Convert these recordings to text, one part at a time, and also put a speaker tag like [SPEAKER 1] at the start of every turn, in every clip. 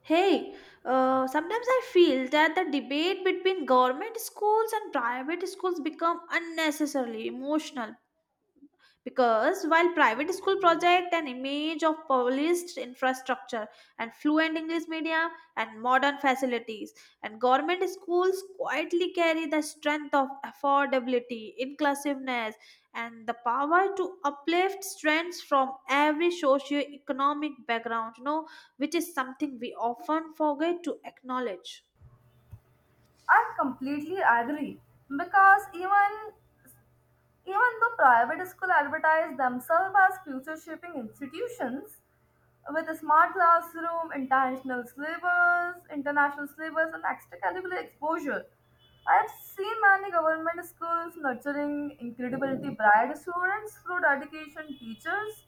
[SPEAKER 1] Hey, sometimes I feel that the debate between government schools and private schools become unnecessarily emotional because while private school project an image of polished infrastructure and fluent english media and modern facilities and government schools quietly carry the strength of affordability inclusiveness and the power to uplift strengths from every socio-economic background. Which is something we often forget to acknowledge.
[SPEAKER 2] I completely agree because even though private schools advertise themselves as future shaping institutions with a smart classroom, international syllabus, and extra curricular exposure, I have seen many government schools nurturing incredibly bright students through dedication, teachers,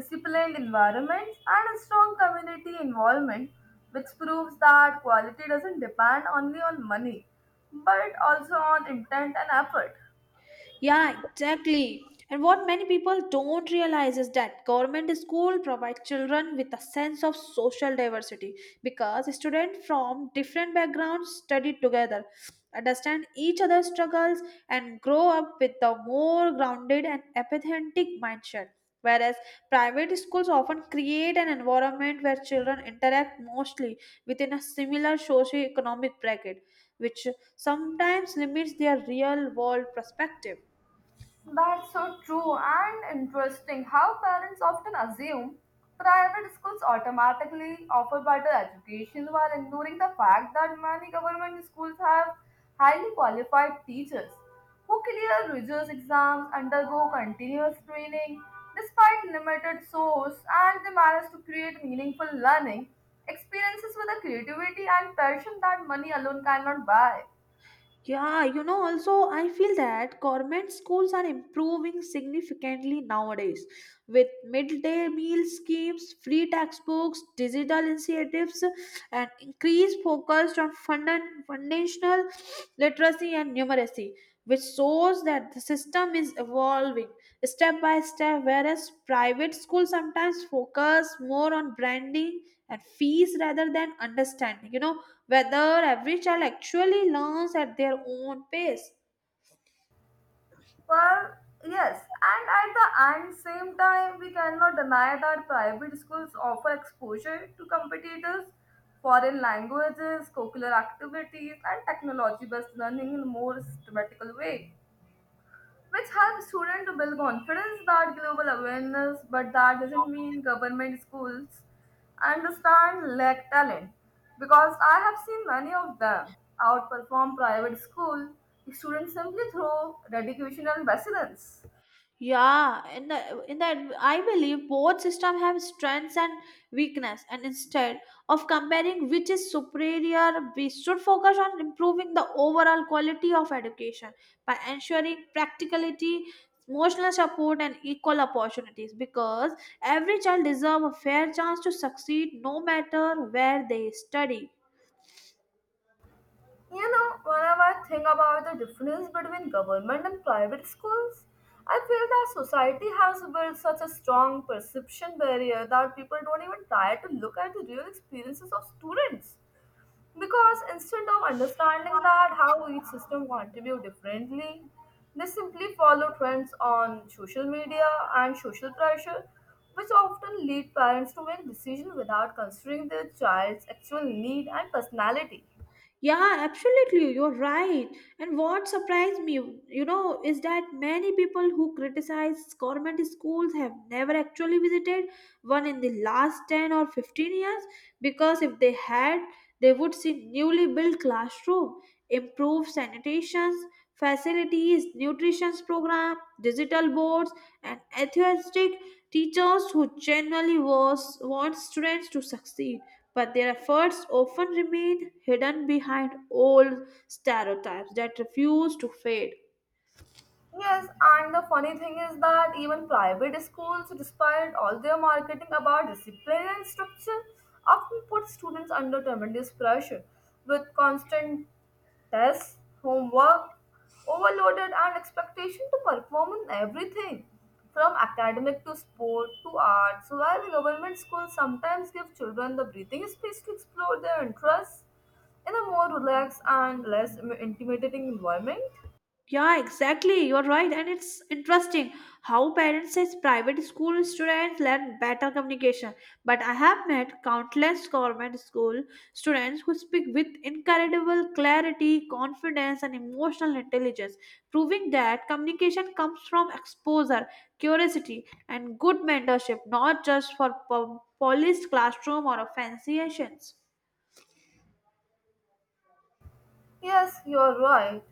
[SPEAKER 2] disciplined environments, and a strong community involvement, which proves that quality doesn't depend only on money, but also on intent and effort.
[SPEAKER 1] Yeah, exactly. And what many people don't realize is that government school provides children with a sense of social diversity because students from different backgrounds study together, understand each other's struggles, and grow up with a more grounded and empathetic mindset. Whereas private schools often create an environment where children interact mostly within a similar socio-economic bracket, which sometimes limits their real-world perspective.
[SPEAKER 2] That's so true and interesting how parents often assume private schools automatically offer better education while ignoring the fact that many government schools have highly qualified teachers who clear rigorous exams, undergo continuous training despite limited source, and they manage to create meaningful learning experiences with a creativity and passion that money alone cannot buy.
[SPEAKER 1] Yeah, you know, also I feel that government schools are improving significantly nowadays with midday meal schemes, free textbooks, digital initiatives, and increased focus on foundational literacy and numeracy, which shows that the system is evolving step by step, whereas private schools sometimes focus more on branding and fees rather than understanding. You know, whether every child actually learns at their own pace.
[SPEAKER 2] Well, yes, and at the and same time, we cannot deny that private schools offer exposure to competitors, foreign languages, curricular activities, and technology-based learning in a more systematical way, which helps students to build confidence that global awareness, but that doesn't mean government schools understand lack talent, because I have seen many of them outperform private school students simply through dedication and resilience.
[SPEAKER 1] Yeah, in that I believe both systems have strengths and weakness, and instead of comparing which is superior, we should focus on improving the overall quality of education by ensuring practicality, emotional support, and equal opportunities, because every child deserves a fair chance to succeed no matter where they study.
[SPEAKER 2] You know, whenever I think about the difference between government and private schools, I feel that society has built such a strong perception barrier that people don't even try to look at the real experiences of students. Because instead of understanding that how each system contribute differently, they simply follow trends on social media and social pressure, which often lead parents to make decisions without considering their child's actual need and personality.
[SPEAKER 1] Yeah, absolutely. You're right. And what surprised me, you know, is that many people who criticize government schools have never actually visited one in the last 10 or 15 years, because if they had, they would see newly built classroom, improved sanitation facilities, nutrition program, digital boards, and enthusiastic teachers who generally was want students to succeed, but their efforts often remain hidden behind old stereotypes that refuse to fade.
[SPEAKER 2] Yes, and the funny thing is that even private schools, despite all their marketing about discipline and structure, often put students under tremendous pressure with constant tests, homework, overloaded, and expectation to perform in everything from academic to sport to arts, while the government schools sometimes give children the breathing space to explore their interests in a more relaxed and less intimidating environment.
[SPEAKER 1] Yeah, exactly. You're right. And it's interesting how parents says private school students learn better communication. But I have met countless government school students who speak with incredible clarity, confidence, and emotional intelligence, proving that communication comes from exposure, curiosity, and good mentorship, not just for polished classroom or a fancy sessions.
[SPEAKER 2] Yes, you are right.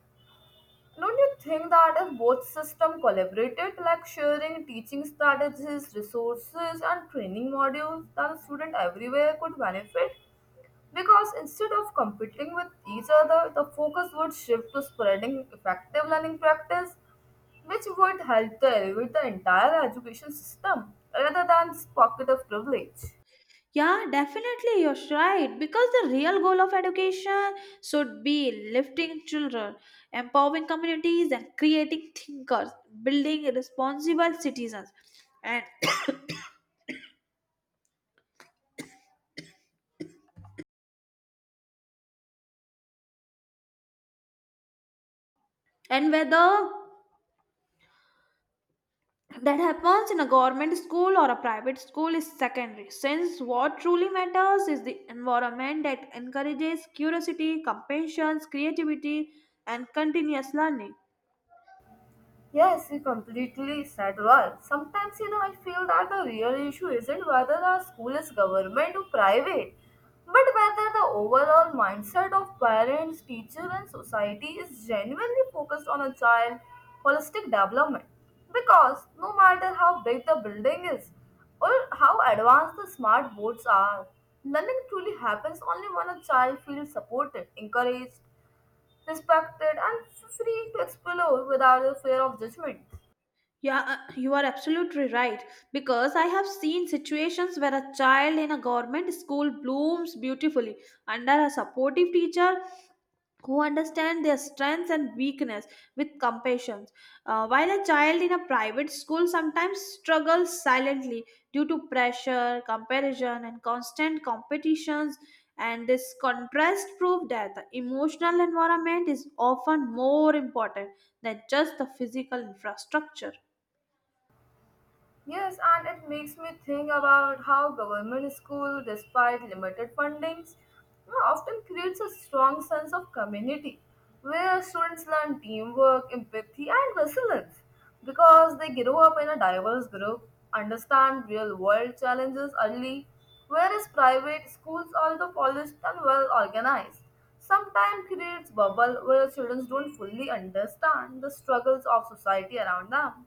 [SPEAKER 2] Don't you think that if both systems collaborated, like sharing teaching strategies, resources, and training modules, then students everywhere could benefit? Because instead of competing with each other, the focus would shift to spreading effective learning practice, which would help to elevate the entire education system rather than this pocket of privilege.
[SPEAKER 1] Yeah, definitely, you're right. Because the real goal of education should be lifting children, empowering communities, and creating thinkers, building responsible citizens. And and whether that happens in a government school or a private school is secondary, since what truly matters is the environment that encourages curiosity, compassion, creativity, and continuous learning.
[SPEAKER 2] Yes, you completely said right. Sometimes, you know, I feel that the real issue isn't whether our school is government or private, but whether the overall mindset of parents, teacher, and society is genuinely focused on a child's holistic development. Because no matter how big the building is or how advanced the smart boards are, learning truly happens only when a child feels supported, encouraged, respected, and free to explore without the fear of judgment.
[SPEAKER 1] Yeah, you are absolutely right. Because I have seen situations where a child in a government school blooms beautifully under a supportive teacher who understand their strengths and weakness with compassion. While a child in a private school sometimes struggles silently due to pressure comparison and constant competitions, and this contrast proved that the emotional environment is often more important than just the physical infrastructure.
[SPEAKER 2] Yes, and it makes me think about how government school, despite limited fundings, you know, often creates a strong sense of community where students learn teamwork, empathy, and resilience because they grow up in a diverse group, understand real world challenges early, whereas private schools, although polished and well organized, sometimes creates bubble where students don't fully understand the struggles of society around them.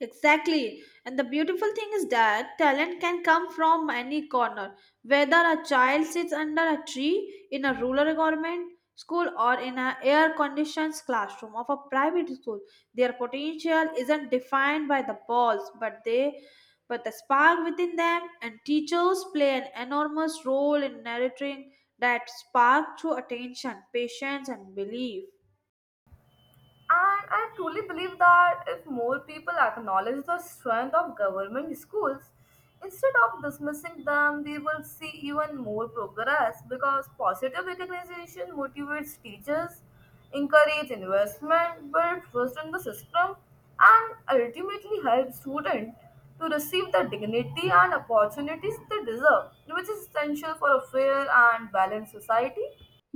[SPEAKER 1] Exactly. And the beautiful thing is that talent can come from any corner, whether a child sits under a tree in a rural environment, school, or in an air conditioned classroom of a private school. Their potential isn't defined by the balls, but the spark within them, and teachers play an enormous role in nurturing that spark through attention, patience and belief.
[SPEAKER 2] And I truly believe that if more people acknowledge the strength of government schools, instead of dismissing them, we will see even more progress because positive recognition motivates teachers, encourages investment, builds trust in the system, and ultimately helps students to receive the dignity and opportunities they deserve, which is essential for a fair and balanced society.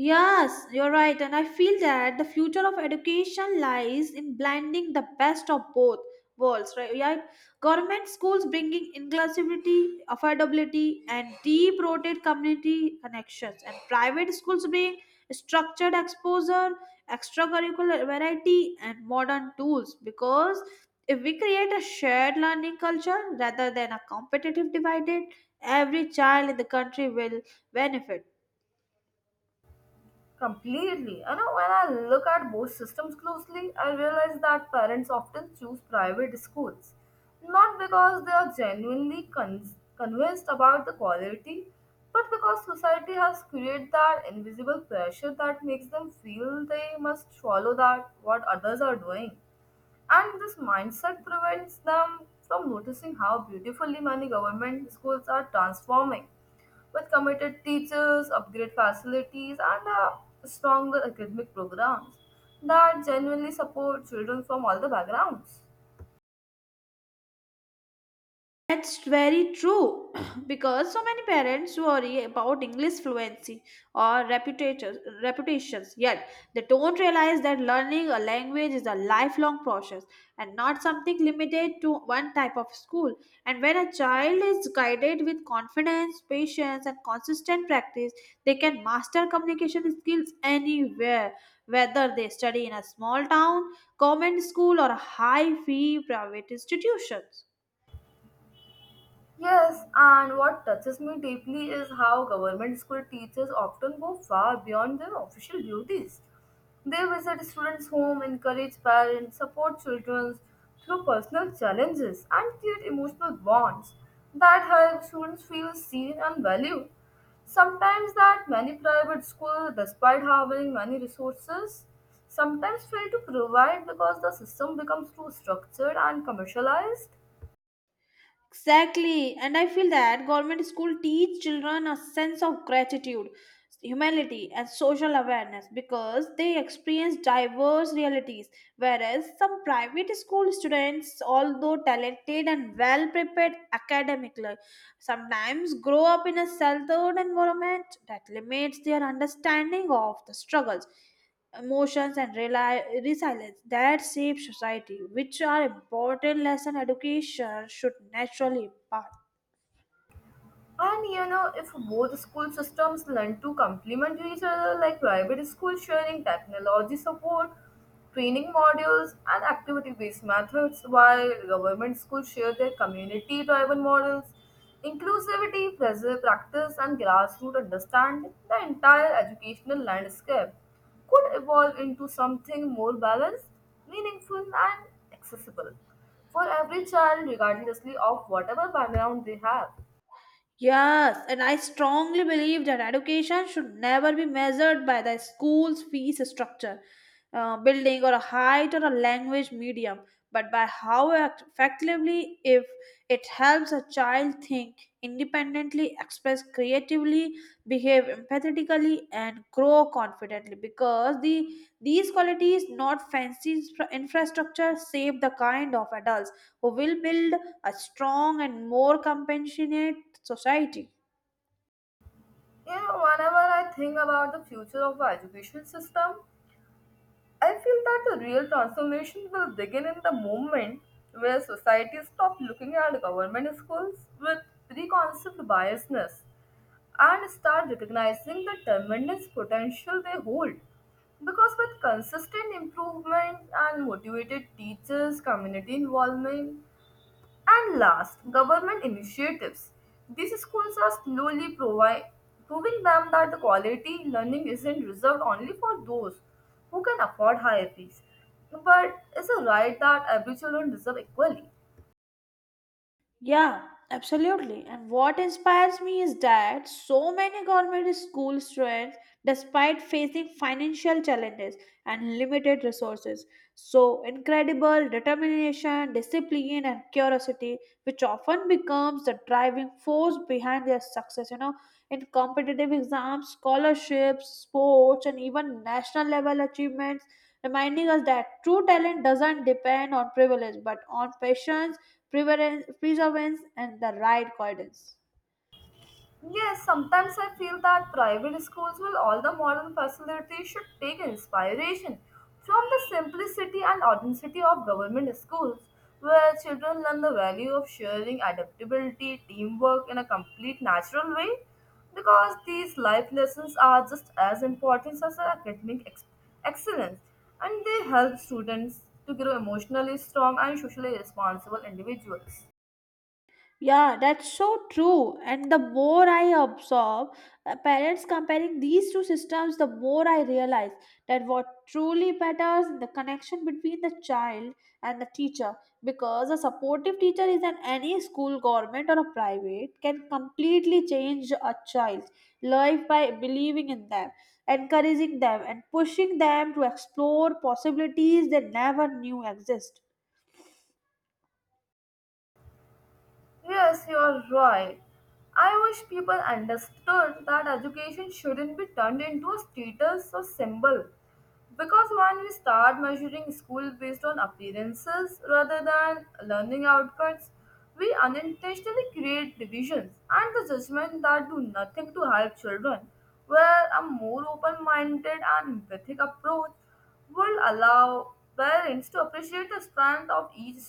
[SPEAKER 1] Yes, you're right, and I feel that the future of education lies in blending the best of both worlds, right? Yeah, government schools bringing inclusivity, affordability, and deep-rooted community connections, and private schools bring structured exposure, extracurricular variety, and modern tools. Because if we create a shared learning culture rather than a competitive divided, every child in the country will benefit.
[SPEAKER 2] Completely. You know, when I look at both systems closely, I realize that parents often choose private schools, not because they are genuinely convinced about the quality, but because society has created that invisible pressure that makes them feel they must follow that what others are doing. And this mindset prevents them from noticing how beautifully many government schools are transforming with committed teachers, upgrade facilities, and stronger academic programs that genuinely support children from all the backgrounds.
[SPEAKER 1] That's very true. Because so many parents worry about English fluency or reputations, yet they don't realize that learning a language is a lifelong process and not something limited to one type of school. And when a child is guided with confidence, patience, and consistent practice, they can master communication skills anywhere, whether they study in a small town, government school, or high fee private institutions.
[SPEAKER 2] Yes, and what touches me deeply is how government school teachers often go far beyond their official duties. They visit students' home, encourage parents, support children through personal challenges, and create emotional bonds that help students feel seen and valued. Sometimes that many private schools, despite having many resources, sometimes fail to provide because the system becomes too structured and commercialized.
[SPEAKER 1] Exactly, and I feel that government school teach children a sense of gratitude, humanity and social awareness because they experience diverse realities, whereas some private school students, although talented and well prepared academically, sometimes grow up in a sheltered environment that limits their understanding of the struggles, emotions and resilience that shape society, which are important lesson education should naturally impart.
[SPEAKER 2] And you know, if both school systems learn to complement each other, like private school sharing technology support, training modules, and activity based methods, while government schools share their community driven models, inclusivity, pressure practice, and grassroots understanding, the entire educational landscape could evolve into something more balanced, meaningful, and accessible for every child, regardlessly of whatever background they have.
[SPEAKER 1] Yes, and I strongly believe that education should never be measured by the school's fees structure, building, or a height or a language medium, but by how effectively, if it helps a child think independently, express creatively, behave empathetically, and grow confidently. Because these qualities, not fancy infrastructure, shape the kind of adults who will build a strong and more compassionate society.
[SPEAKER 2] You know, whenever I think about the future of our education system, I feel that the real transformation will begin in the moment where society stop looking at government schools with preconceived biasness and start recognizing the tremendous potential they hold. Because with consistent improvement and motivated teachers, community involvement, and last, government initiatives. These schools are slowly proving them that the quality learning isn't reserved only for those who can afford higher fees, but is a right that every children deserve equally.
[SPEAKER 1] Yeah, absolutely. And what inspires me is that so many government school students, despite facing financial challenges and limited resources, so incredible determination, discipline, and curiosity, which often becomes the driving force behind their success. You know, in competitive exams, scholarships, sports, and even national level achievements, reminding us that true talent doesn't depend on privilege but on patience, perseverance, and the right guidance.
[SPEAKER 2] Yes, sometimes I feel that private schools with all the modern facilities should take inspiration from the simplicity and authenticity of government schools, where children learn the value of sharing, adaptability, teamwork in a complete natural way. Because these life lessons are just as important as academic excellence, and they help students to grow emotionally strong and socially responsible individuals.
[SPEAKER 1] Yeah, that's so true. And the more I observe parents comparing these two systems, the more I realize that what truly matters is the connection between the child and the teacher. Because a supportive teacher is in any school, government, or a private, can completely change a child's life by believing in them, encouraging them, and pushing them to explore possibilities they never knew exist.
[SPEAKER 2] Yes, you're right. I wish people understood that education shouldn't be turned into a status or symbol. Because when we start measuring school based on appearances rather than learning outcomes, we unintentionally create divisions and the judgment that do nothing to help children, where a more open minded and empathic approach would allow parents to appreciate the strength of each,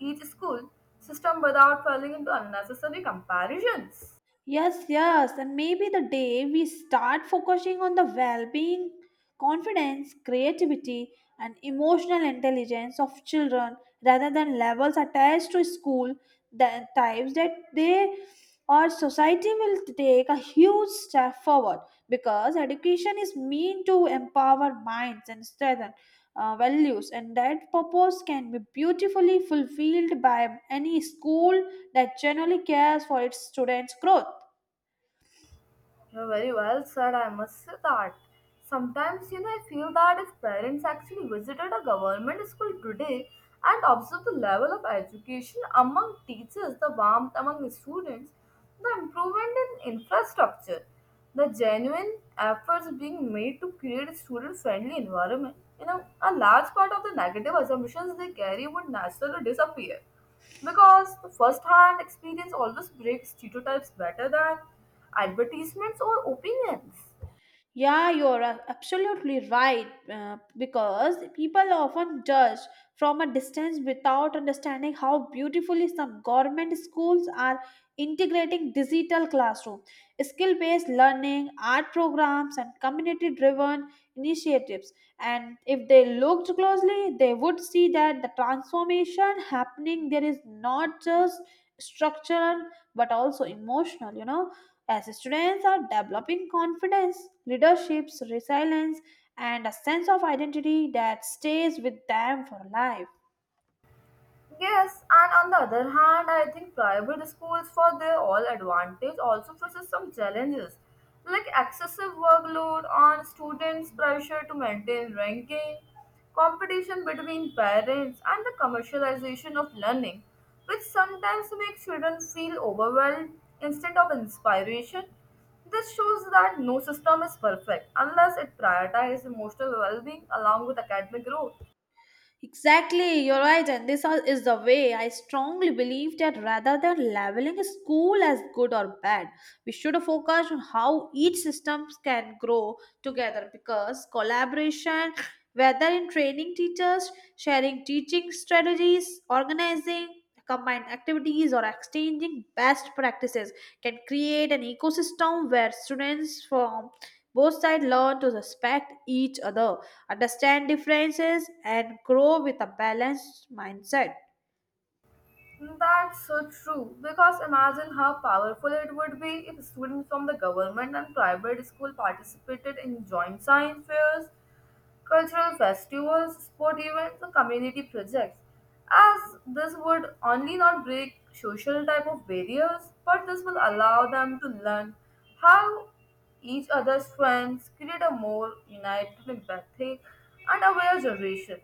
[SPEAKER 2] each school system without falling into unnecessary comparisons.
[SPEAKER 1] Yes, yes, and maybe the day we start focusing on the well being, confidence, creativity, and emotional intelligence of children rather than levels attached to school, the types that they or society will take a huge step forward, because education is meant to empower minds and strengthen values, and that purpose can be beautifully fulfilled by any school that genuinely cares for its students growth.
[SPEAKER 2] You're very well said, I must say that. Sometimes, you know, I feel that if parents actually visited a government school today and observed the level of education among teachers, the warmth among the students, the improvement in infrastructure, the genuine efforts being made to create a student-friendly environment, you know, a large part of the negative assumptions they carry would naturally disappear. Because the first hand experience always breaks stereotypes better than advertisements or opinions.
[SPEAKER 1] Yeah, you're absolutely right. Because people often judge from a distance without understanding how beautifully some government schools are integrating digital classroom, skill based learning, art programs, and community driven initiatives. And if they looked closely, they would see that the transformation happening there is not just structural but also emotional, you know, as students are developing confidence, leaderships, resilience, and a sense of identity that stays with them for life.
[SPEAKER 2] Yes, and on the other hand, I think private schools, for their all advantage, also faces some challenges like excessive workload on students, pressure to maintain ranking, competition between parents, and the commercialization of learning, which sometimes makes children feel overwhelmed instead of inspiration. This shows that no system is perfect unless it prioritizes emotional well being along with academic growth.
[SPEAKER 1] Exactly, you're right, and this all is the way I strongly believe that rather than labeling a school as good or bad, we should focus on how each system can grow together, because collaboration, whether in training teachers, sharing teaching strategies, organizing combined activities, or exchanging best practices, can create an ecosystem where students from both sides learn to respect each other, understand differences and grow with a balanced mindset.
[SPEAKER 2] That's so true. Because imagine how powerful it would be if students from the government and private school participated in joint science fairs, cultural festivals, sport events, or community projects. As this would only not break social type of barriers, but this will allow them to learn how each other's strengths create a more united, empathic, and aware generation.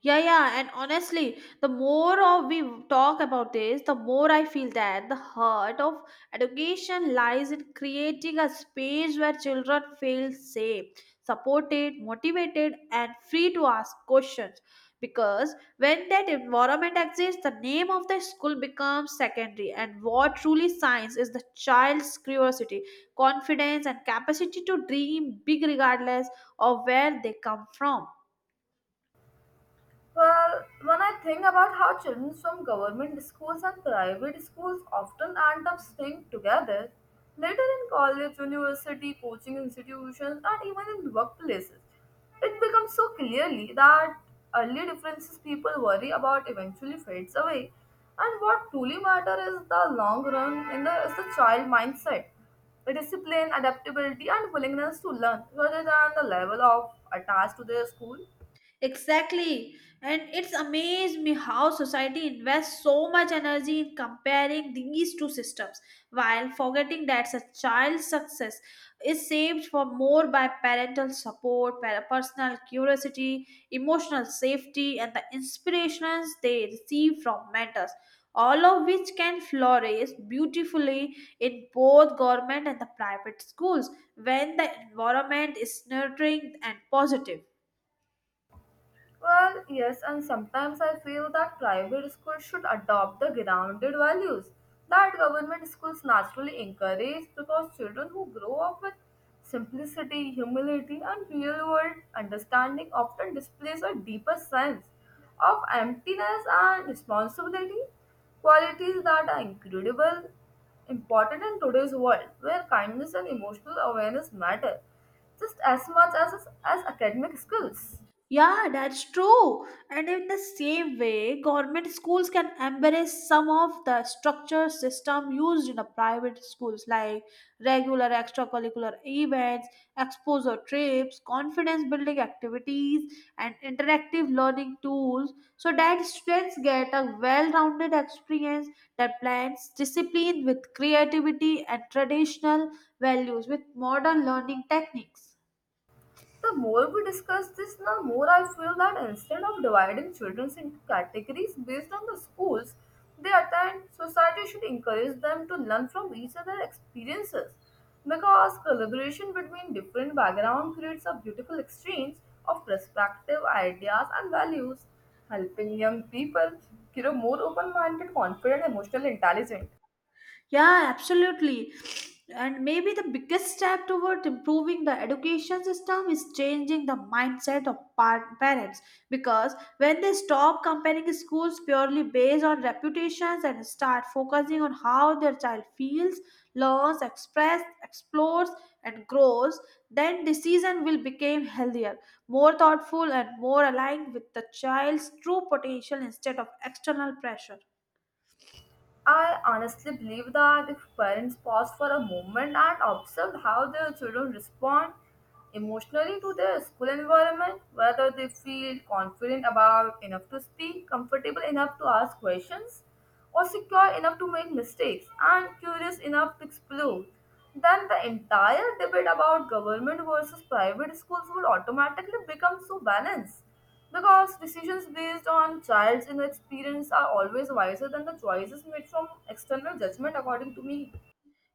[SPEAKER 1] Yeah, yeah, and honestly, the more of we talk about this, the more I feel that the heart of education lies in creating a space where children feel safe, supported, motivated, and free to ask questions. Because when that environment exists, the name of the school becomes secondary, and what truly shines is the child's curiosity, confidence, and capacity to dream big regardless of where they come from.
[SPEAKER 2] Well, when I think about how children from government schools and private schools often end up staying together, later in college, university, coaching institutions, and even in workplaces, it becomes so clearly that early differences people worry about eventually fades away. And what truly matters is the long run in the, is the child mindset, the discipline, adaptability, and willingness to learn rather than the level of attached to their school.
[SPEAKER 1] Exactly. And it's amazed me how society invests so much energy in comparing these two systems while forgetting that a child's success is saved for more by parental support, personal curiosity, emotional safety, and the inspirations they receive from mentors, all of which can flourish beautifully in both government and the private schools when the environment is nurturing and positive.
[SPEAKER 2] Well, yes, and sometimes I feel that private schools should adopt the grounded values that government schools naturally encourage because children who grow up with simplicity, humility, and real world understanding often displays a deeper sense of emptiness and responsibility, qualities that are incredible, important in today's world where kindness and emotional awareness matter just as much as academic skills.
[SPEAKER 1] Yeah, that's true. And in the same way, government schools can embrace some of the structure system used in the private schools, like regular extracurricular events, exposure trips, confidence building activities, and interactive learning tools, so that students get a well-rounded experience that blends discipline with creativity and traditional values with modern learning techniques.
[SPEAKER 2] The more we discuss this, the more I feel that instead of dividing children into categories based on the schools they attend, society should encourage them to learn from each other's experiences. Because collaboration between different backgrounds creates a beautiful exchange of perspective, ideas, and values, helping young people grow more open minded, confident, emotional, intelligent.
[SPEAKER 1] Yeah, absolutely. And maybe the biggest step toward improving the education system is changing the mindset of parents, because when they stop comparing schools purely based on reputations and start focusing on how their child feels, learns, express, explores, and grows, then decision will become healthier, more thoughtful, and more aligned with the child's true potential instead of external pressure.
[SPEAKER 2] I honestly believe that if parents pause for a moment and observe how their children respond emotionally to their school environment, whether they feel confident about enough to speak, comfortable enough to ask questions, or secure enough to make mistakes, and curious enough to explore, then the entire debate about government versus private schools would automatically become so balanced because decisions based on child's inner experience are always wiser than the choices made from external judgment, according to me.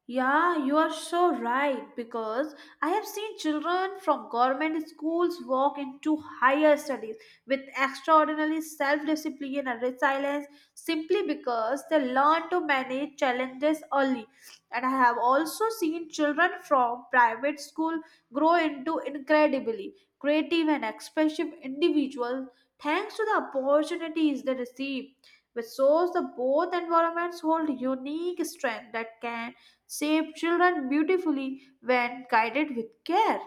[SPEAKER 1] Yeah, you are so right, because I have seen children from government schools walk into higher studies with extraordinary self discipline and resilience simply because they learn to manage challenges early. And I have also seen children from private school grow into incredibly creative and expressive individuals thanks to the opportunities they receive, which shows that both environments hold unique strength that can shape children beautifully when guided with care.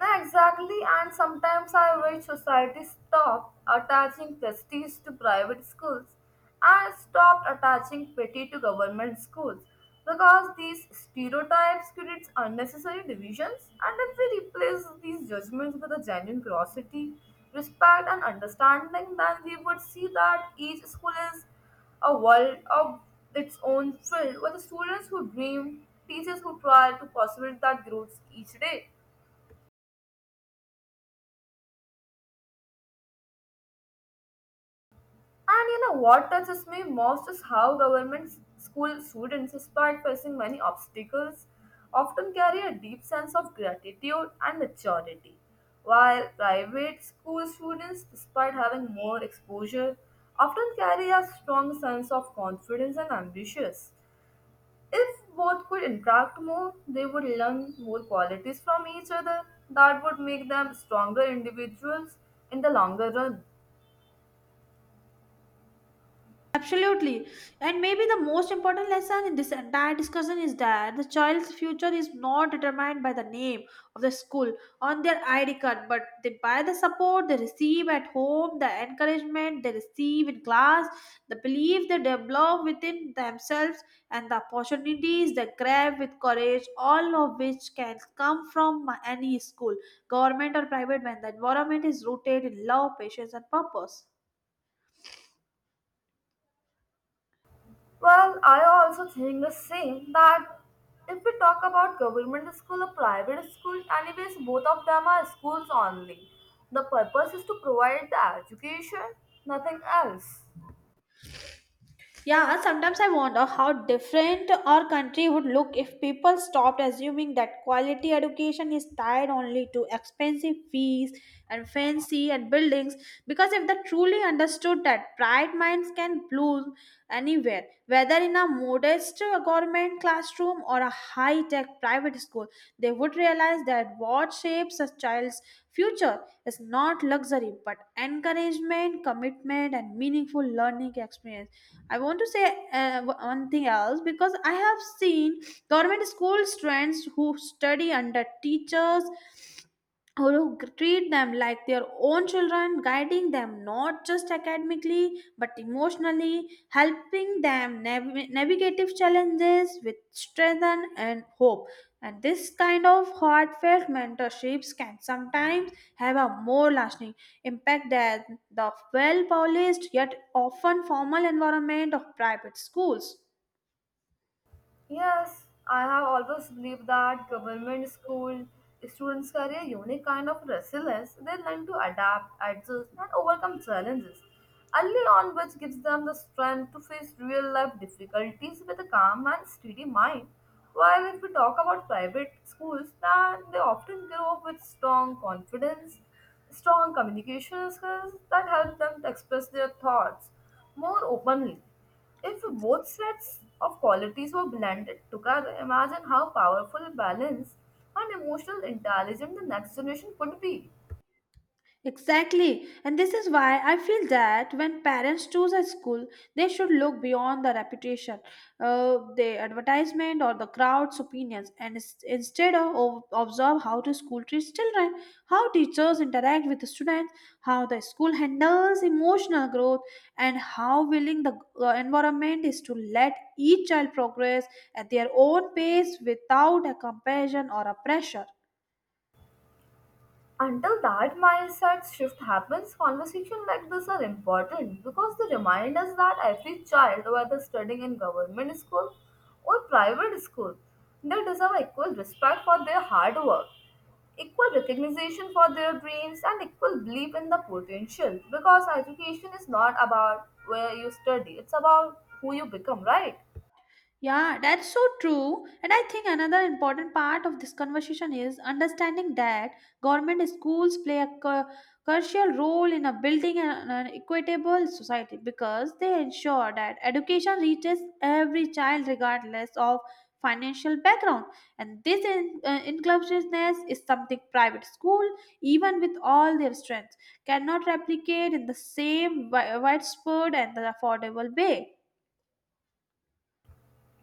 [SPEAKER 2] No, exactly, and sometimes I wish society stopped attaching prestige to private schools and stopped attaching pity to government schools because these stereotypes create unnecessary divisions and if we replace these judgments with a genuine curiosity, respect and understanding, then we would see that each school is a world of its own filled with students who dream, teachers who try to possibilitate that growth each day. And you know what touches me most is how government school students, despite facing many obstacles, often carry a deep sense of gratitude and maturity, while private school students, despite having more exposure, often carry a strong sense of confidence and ambitions. If both could interact more, they would learn more qualities from each other that would make them stronger individuals in the longer run.
[SPEAKER 1] Absolutely. And maybe the most important lesson in this entire discussion is that the child's future is not determined by the name of the school on their ID card, but they by the support they receive at home, the encouragement they receive in class, the belief they develop within themselves, and the opportunities they grab with courage, all of which can come from any school, government or private, when the environment is rooted in love, patience, and purpose.
[SPEAKER 2] Well, I also think the same that if we talk about government school or private school, anyways, both of them are schools only. The purpose is to provide the education, nothing else.
[SPEAKER 1] Yeah, sometimes I wonder how different our country would look if people stopped assuming that quality education is tied only to expensive fees and fancy and buildings. Because if they truly understood that bright minds can bloom anywhere, whether in a modest government classroom or a high tech private school, they would realize that what shapes a child's future is not luxury but encouragement, commitment, and meaningful learning experience. I want to say one thing else because I have seen government school students who study under teachers or who treat them like their own children, guiding them not just academically but emotionally, helping them navigate challenges with strength and hope. And this kind of heartfelt mentorships can sometimes have a more lasting impact than the well polished yet often formal environment of private schools.
[SPEAKER 2] Yes, I have always believed that government school students carry a unique kind of resilience. They learn to adapt, adjust, and overcome challenges early on, which gives them the strength to face real life difficulties with a calm and steady mind. While if we talk about private schools, then they often grow up with strong confidence, strong communication skills that help them to express their thoughts more openly. If both sets of qualities were blended together, imagine how powerful, balanced, and emotional intelligent the next generation could be.
[SPEAKER 1] Exactly. And this is why I feel that when parents choose a school, they should look beyond the reputation, the advertisement, or the crowd's opinions, and instead of observe how the school treats children, how teachers interact with the students, how the school handles emotional growth, and how willing the environment is to let each child progress at their own pace without a comparison or a pressure.
[SPEAKER 2] Until that mindset shift happens, conversations like this are important because they remind us that every child, whether studying in government school or private school, they deserve equal respect for their hard work, equal recognition for their dreams, and equal belief in the potential. Because education is not about where you study, it's about who you become, right?
[SPEAKER 1] Yeah, that's so true. And I think another important part of this conversation is understanding that government schools play a crucial role in a building an equitable society because they ensure that education reaches every child regardless of financial background. And this inclusiveness is something private school, even with all their strengths, cannot replicate in the same widespread and the affordable way.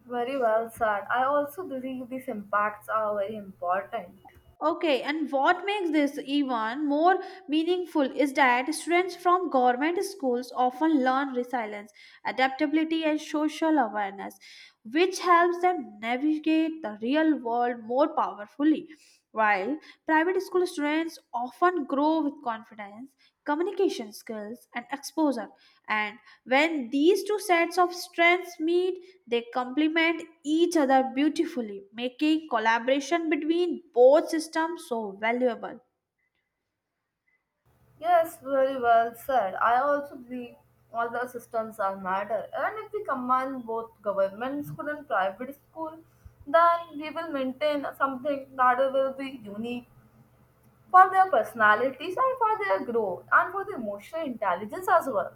[SPEAKER 2] Very well said. I also believe these impacts are very important.
[SPEAKER 1] Okay, and what makes this even more meaningful is that students from government schools often learn resilience, adaptability, and social awareness, which helps them navigate the real world more powerfully. While private school students often grow with confidence, communication skills, and exposure, and when these two sets of strengths meet, they complement each other beautifully, making collaboration between both systems so valuable.
[SPEAKER 2] Yes, very well said. I also believe all the systems are matter. And if we combine both government school and private school, then we will maintain something that will be unique for their personalities and for their growth and for the emotional intelligence as well.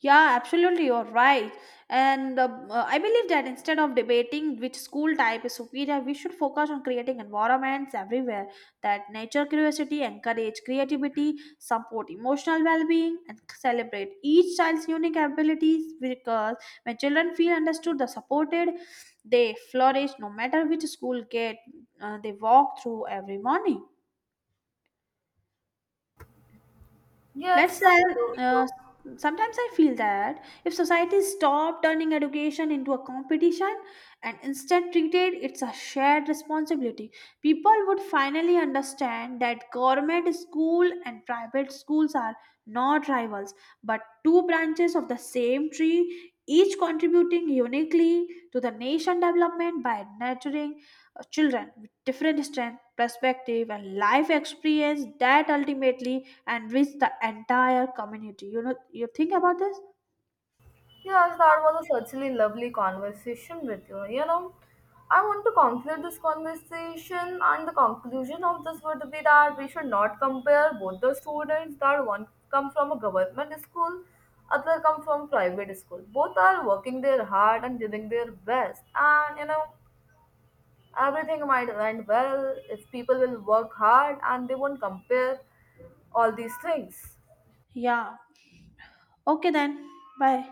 [SPEAKER 1] Yeah, absolutely, you're right. And I believe that instead of debating which school type is superior, we should focus on creating environments everywhere that nature curiosity, encourage creativity, support emotional well being, and celebrate each child's unique abilities because when children feel understood, the supported, they flourish no matter which school gate they walk through every morning. Let's
[SPEAKER 2] Yes.
[SPEAKER 1] say, uh, sometimes I feel that if society stopped turning education into a competition and instead treated it's a shared responsibility, people would finally understand that government school and private schools are not rivals but two branches of the same tree, each contributing uniquely to the nation development by nurturing children with different strength, perspective, and life experience that ultimately and reach the entire community. You know, you think about this?
[SPEAKER 2] Yes, that was a certainly lovely conversation with you. You know, I want to conclude this conversation, and the conclusion of this would be that we should not compare both the students that one come from a government school, other come from private school. Both are working their hard and doing their best, and you know, everything might end well if people will work hard and they won't compare all these things.
[SPEAKER 1] Yeah. Okay, then. Bye.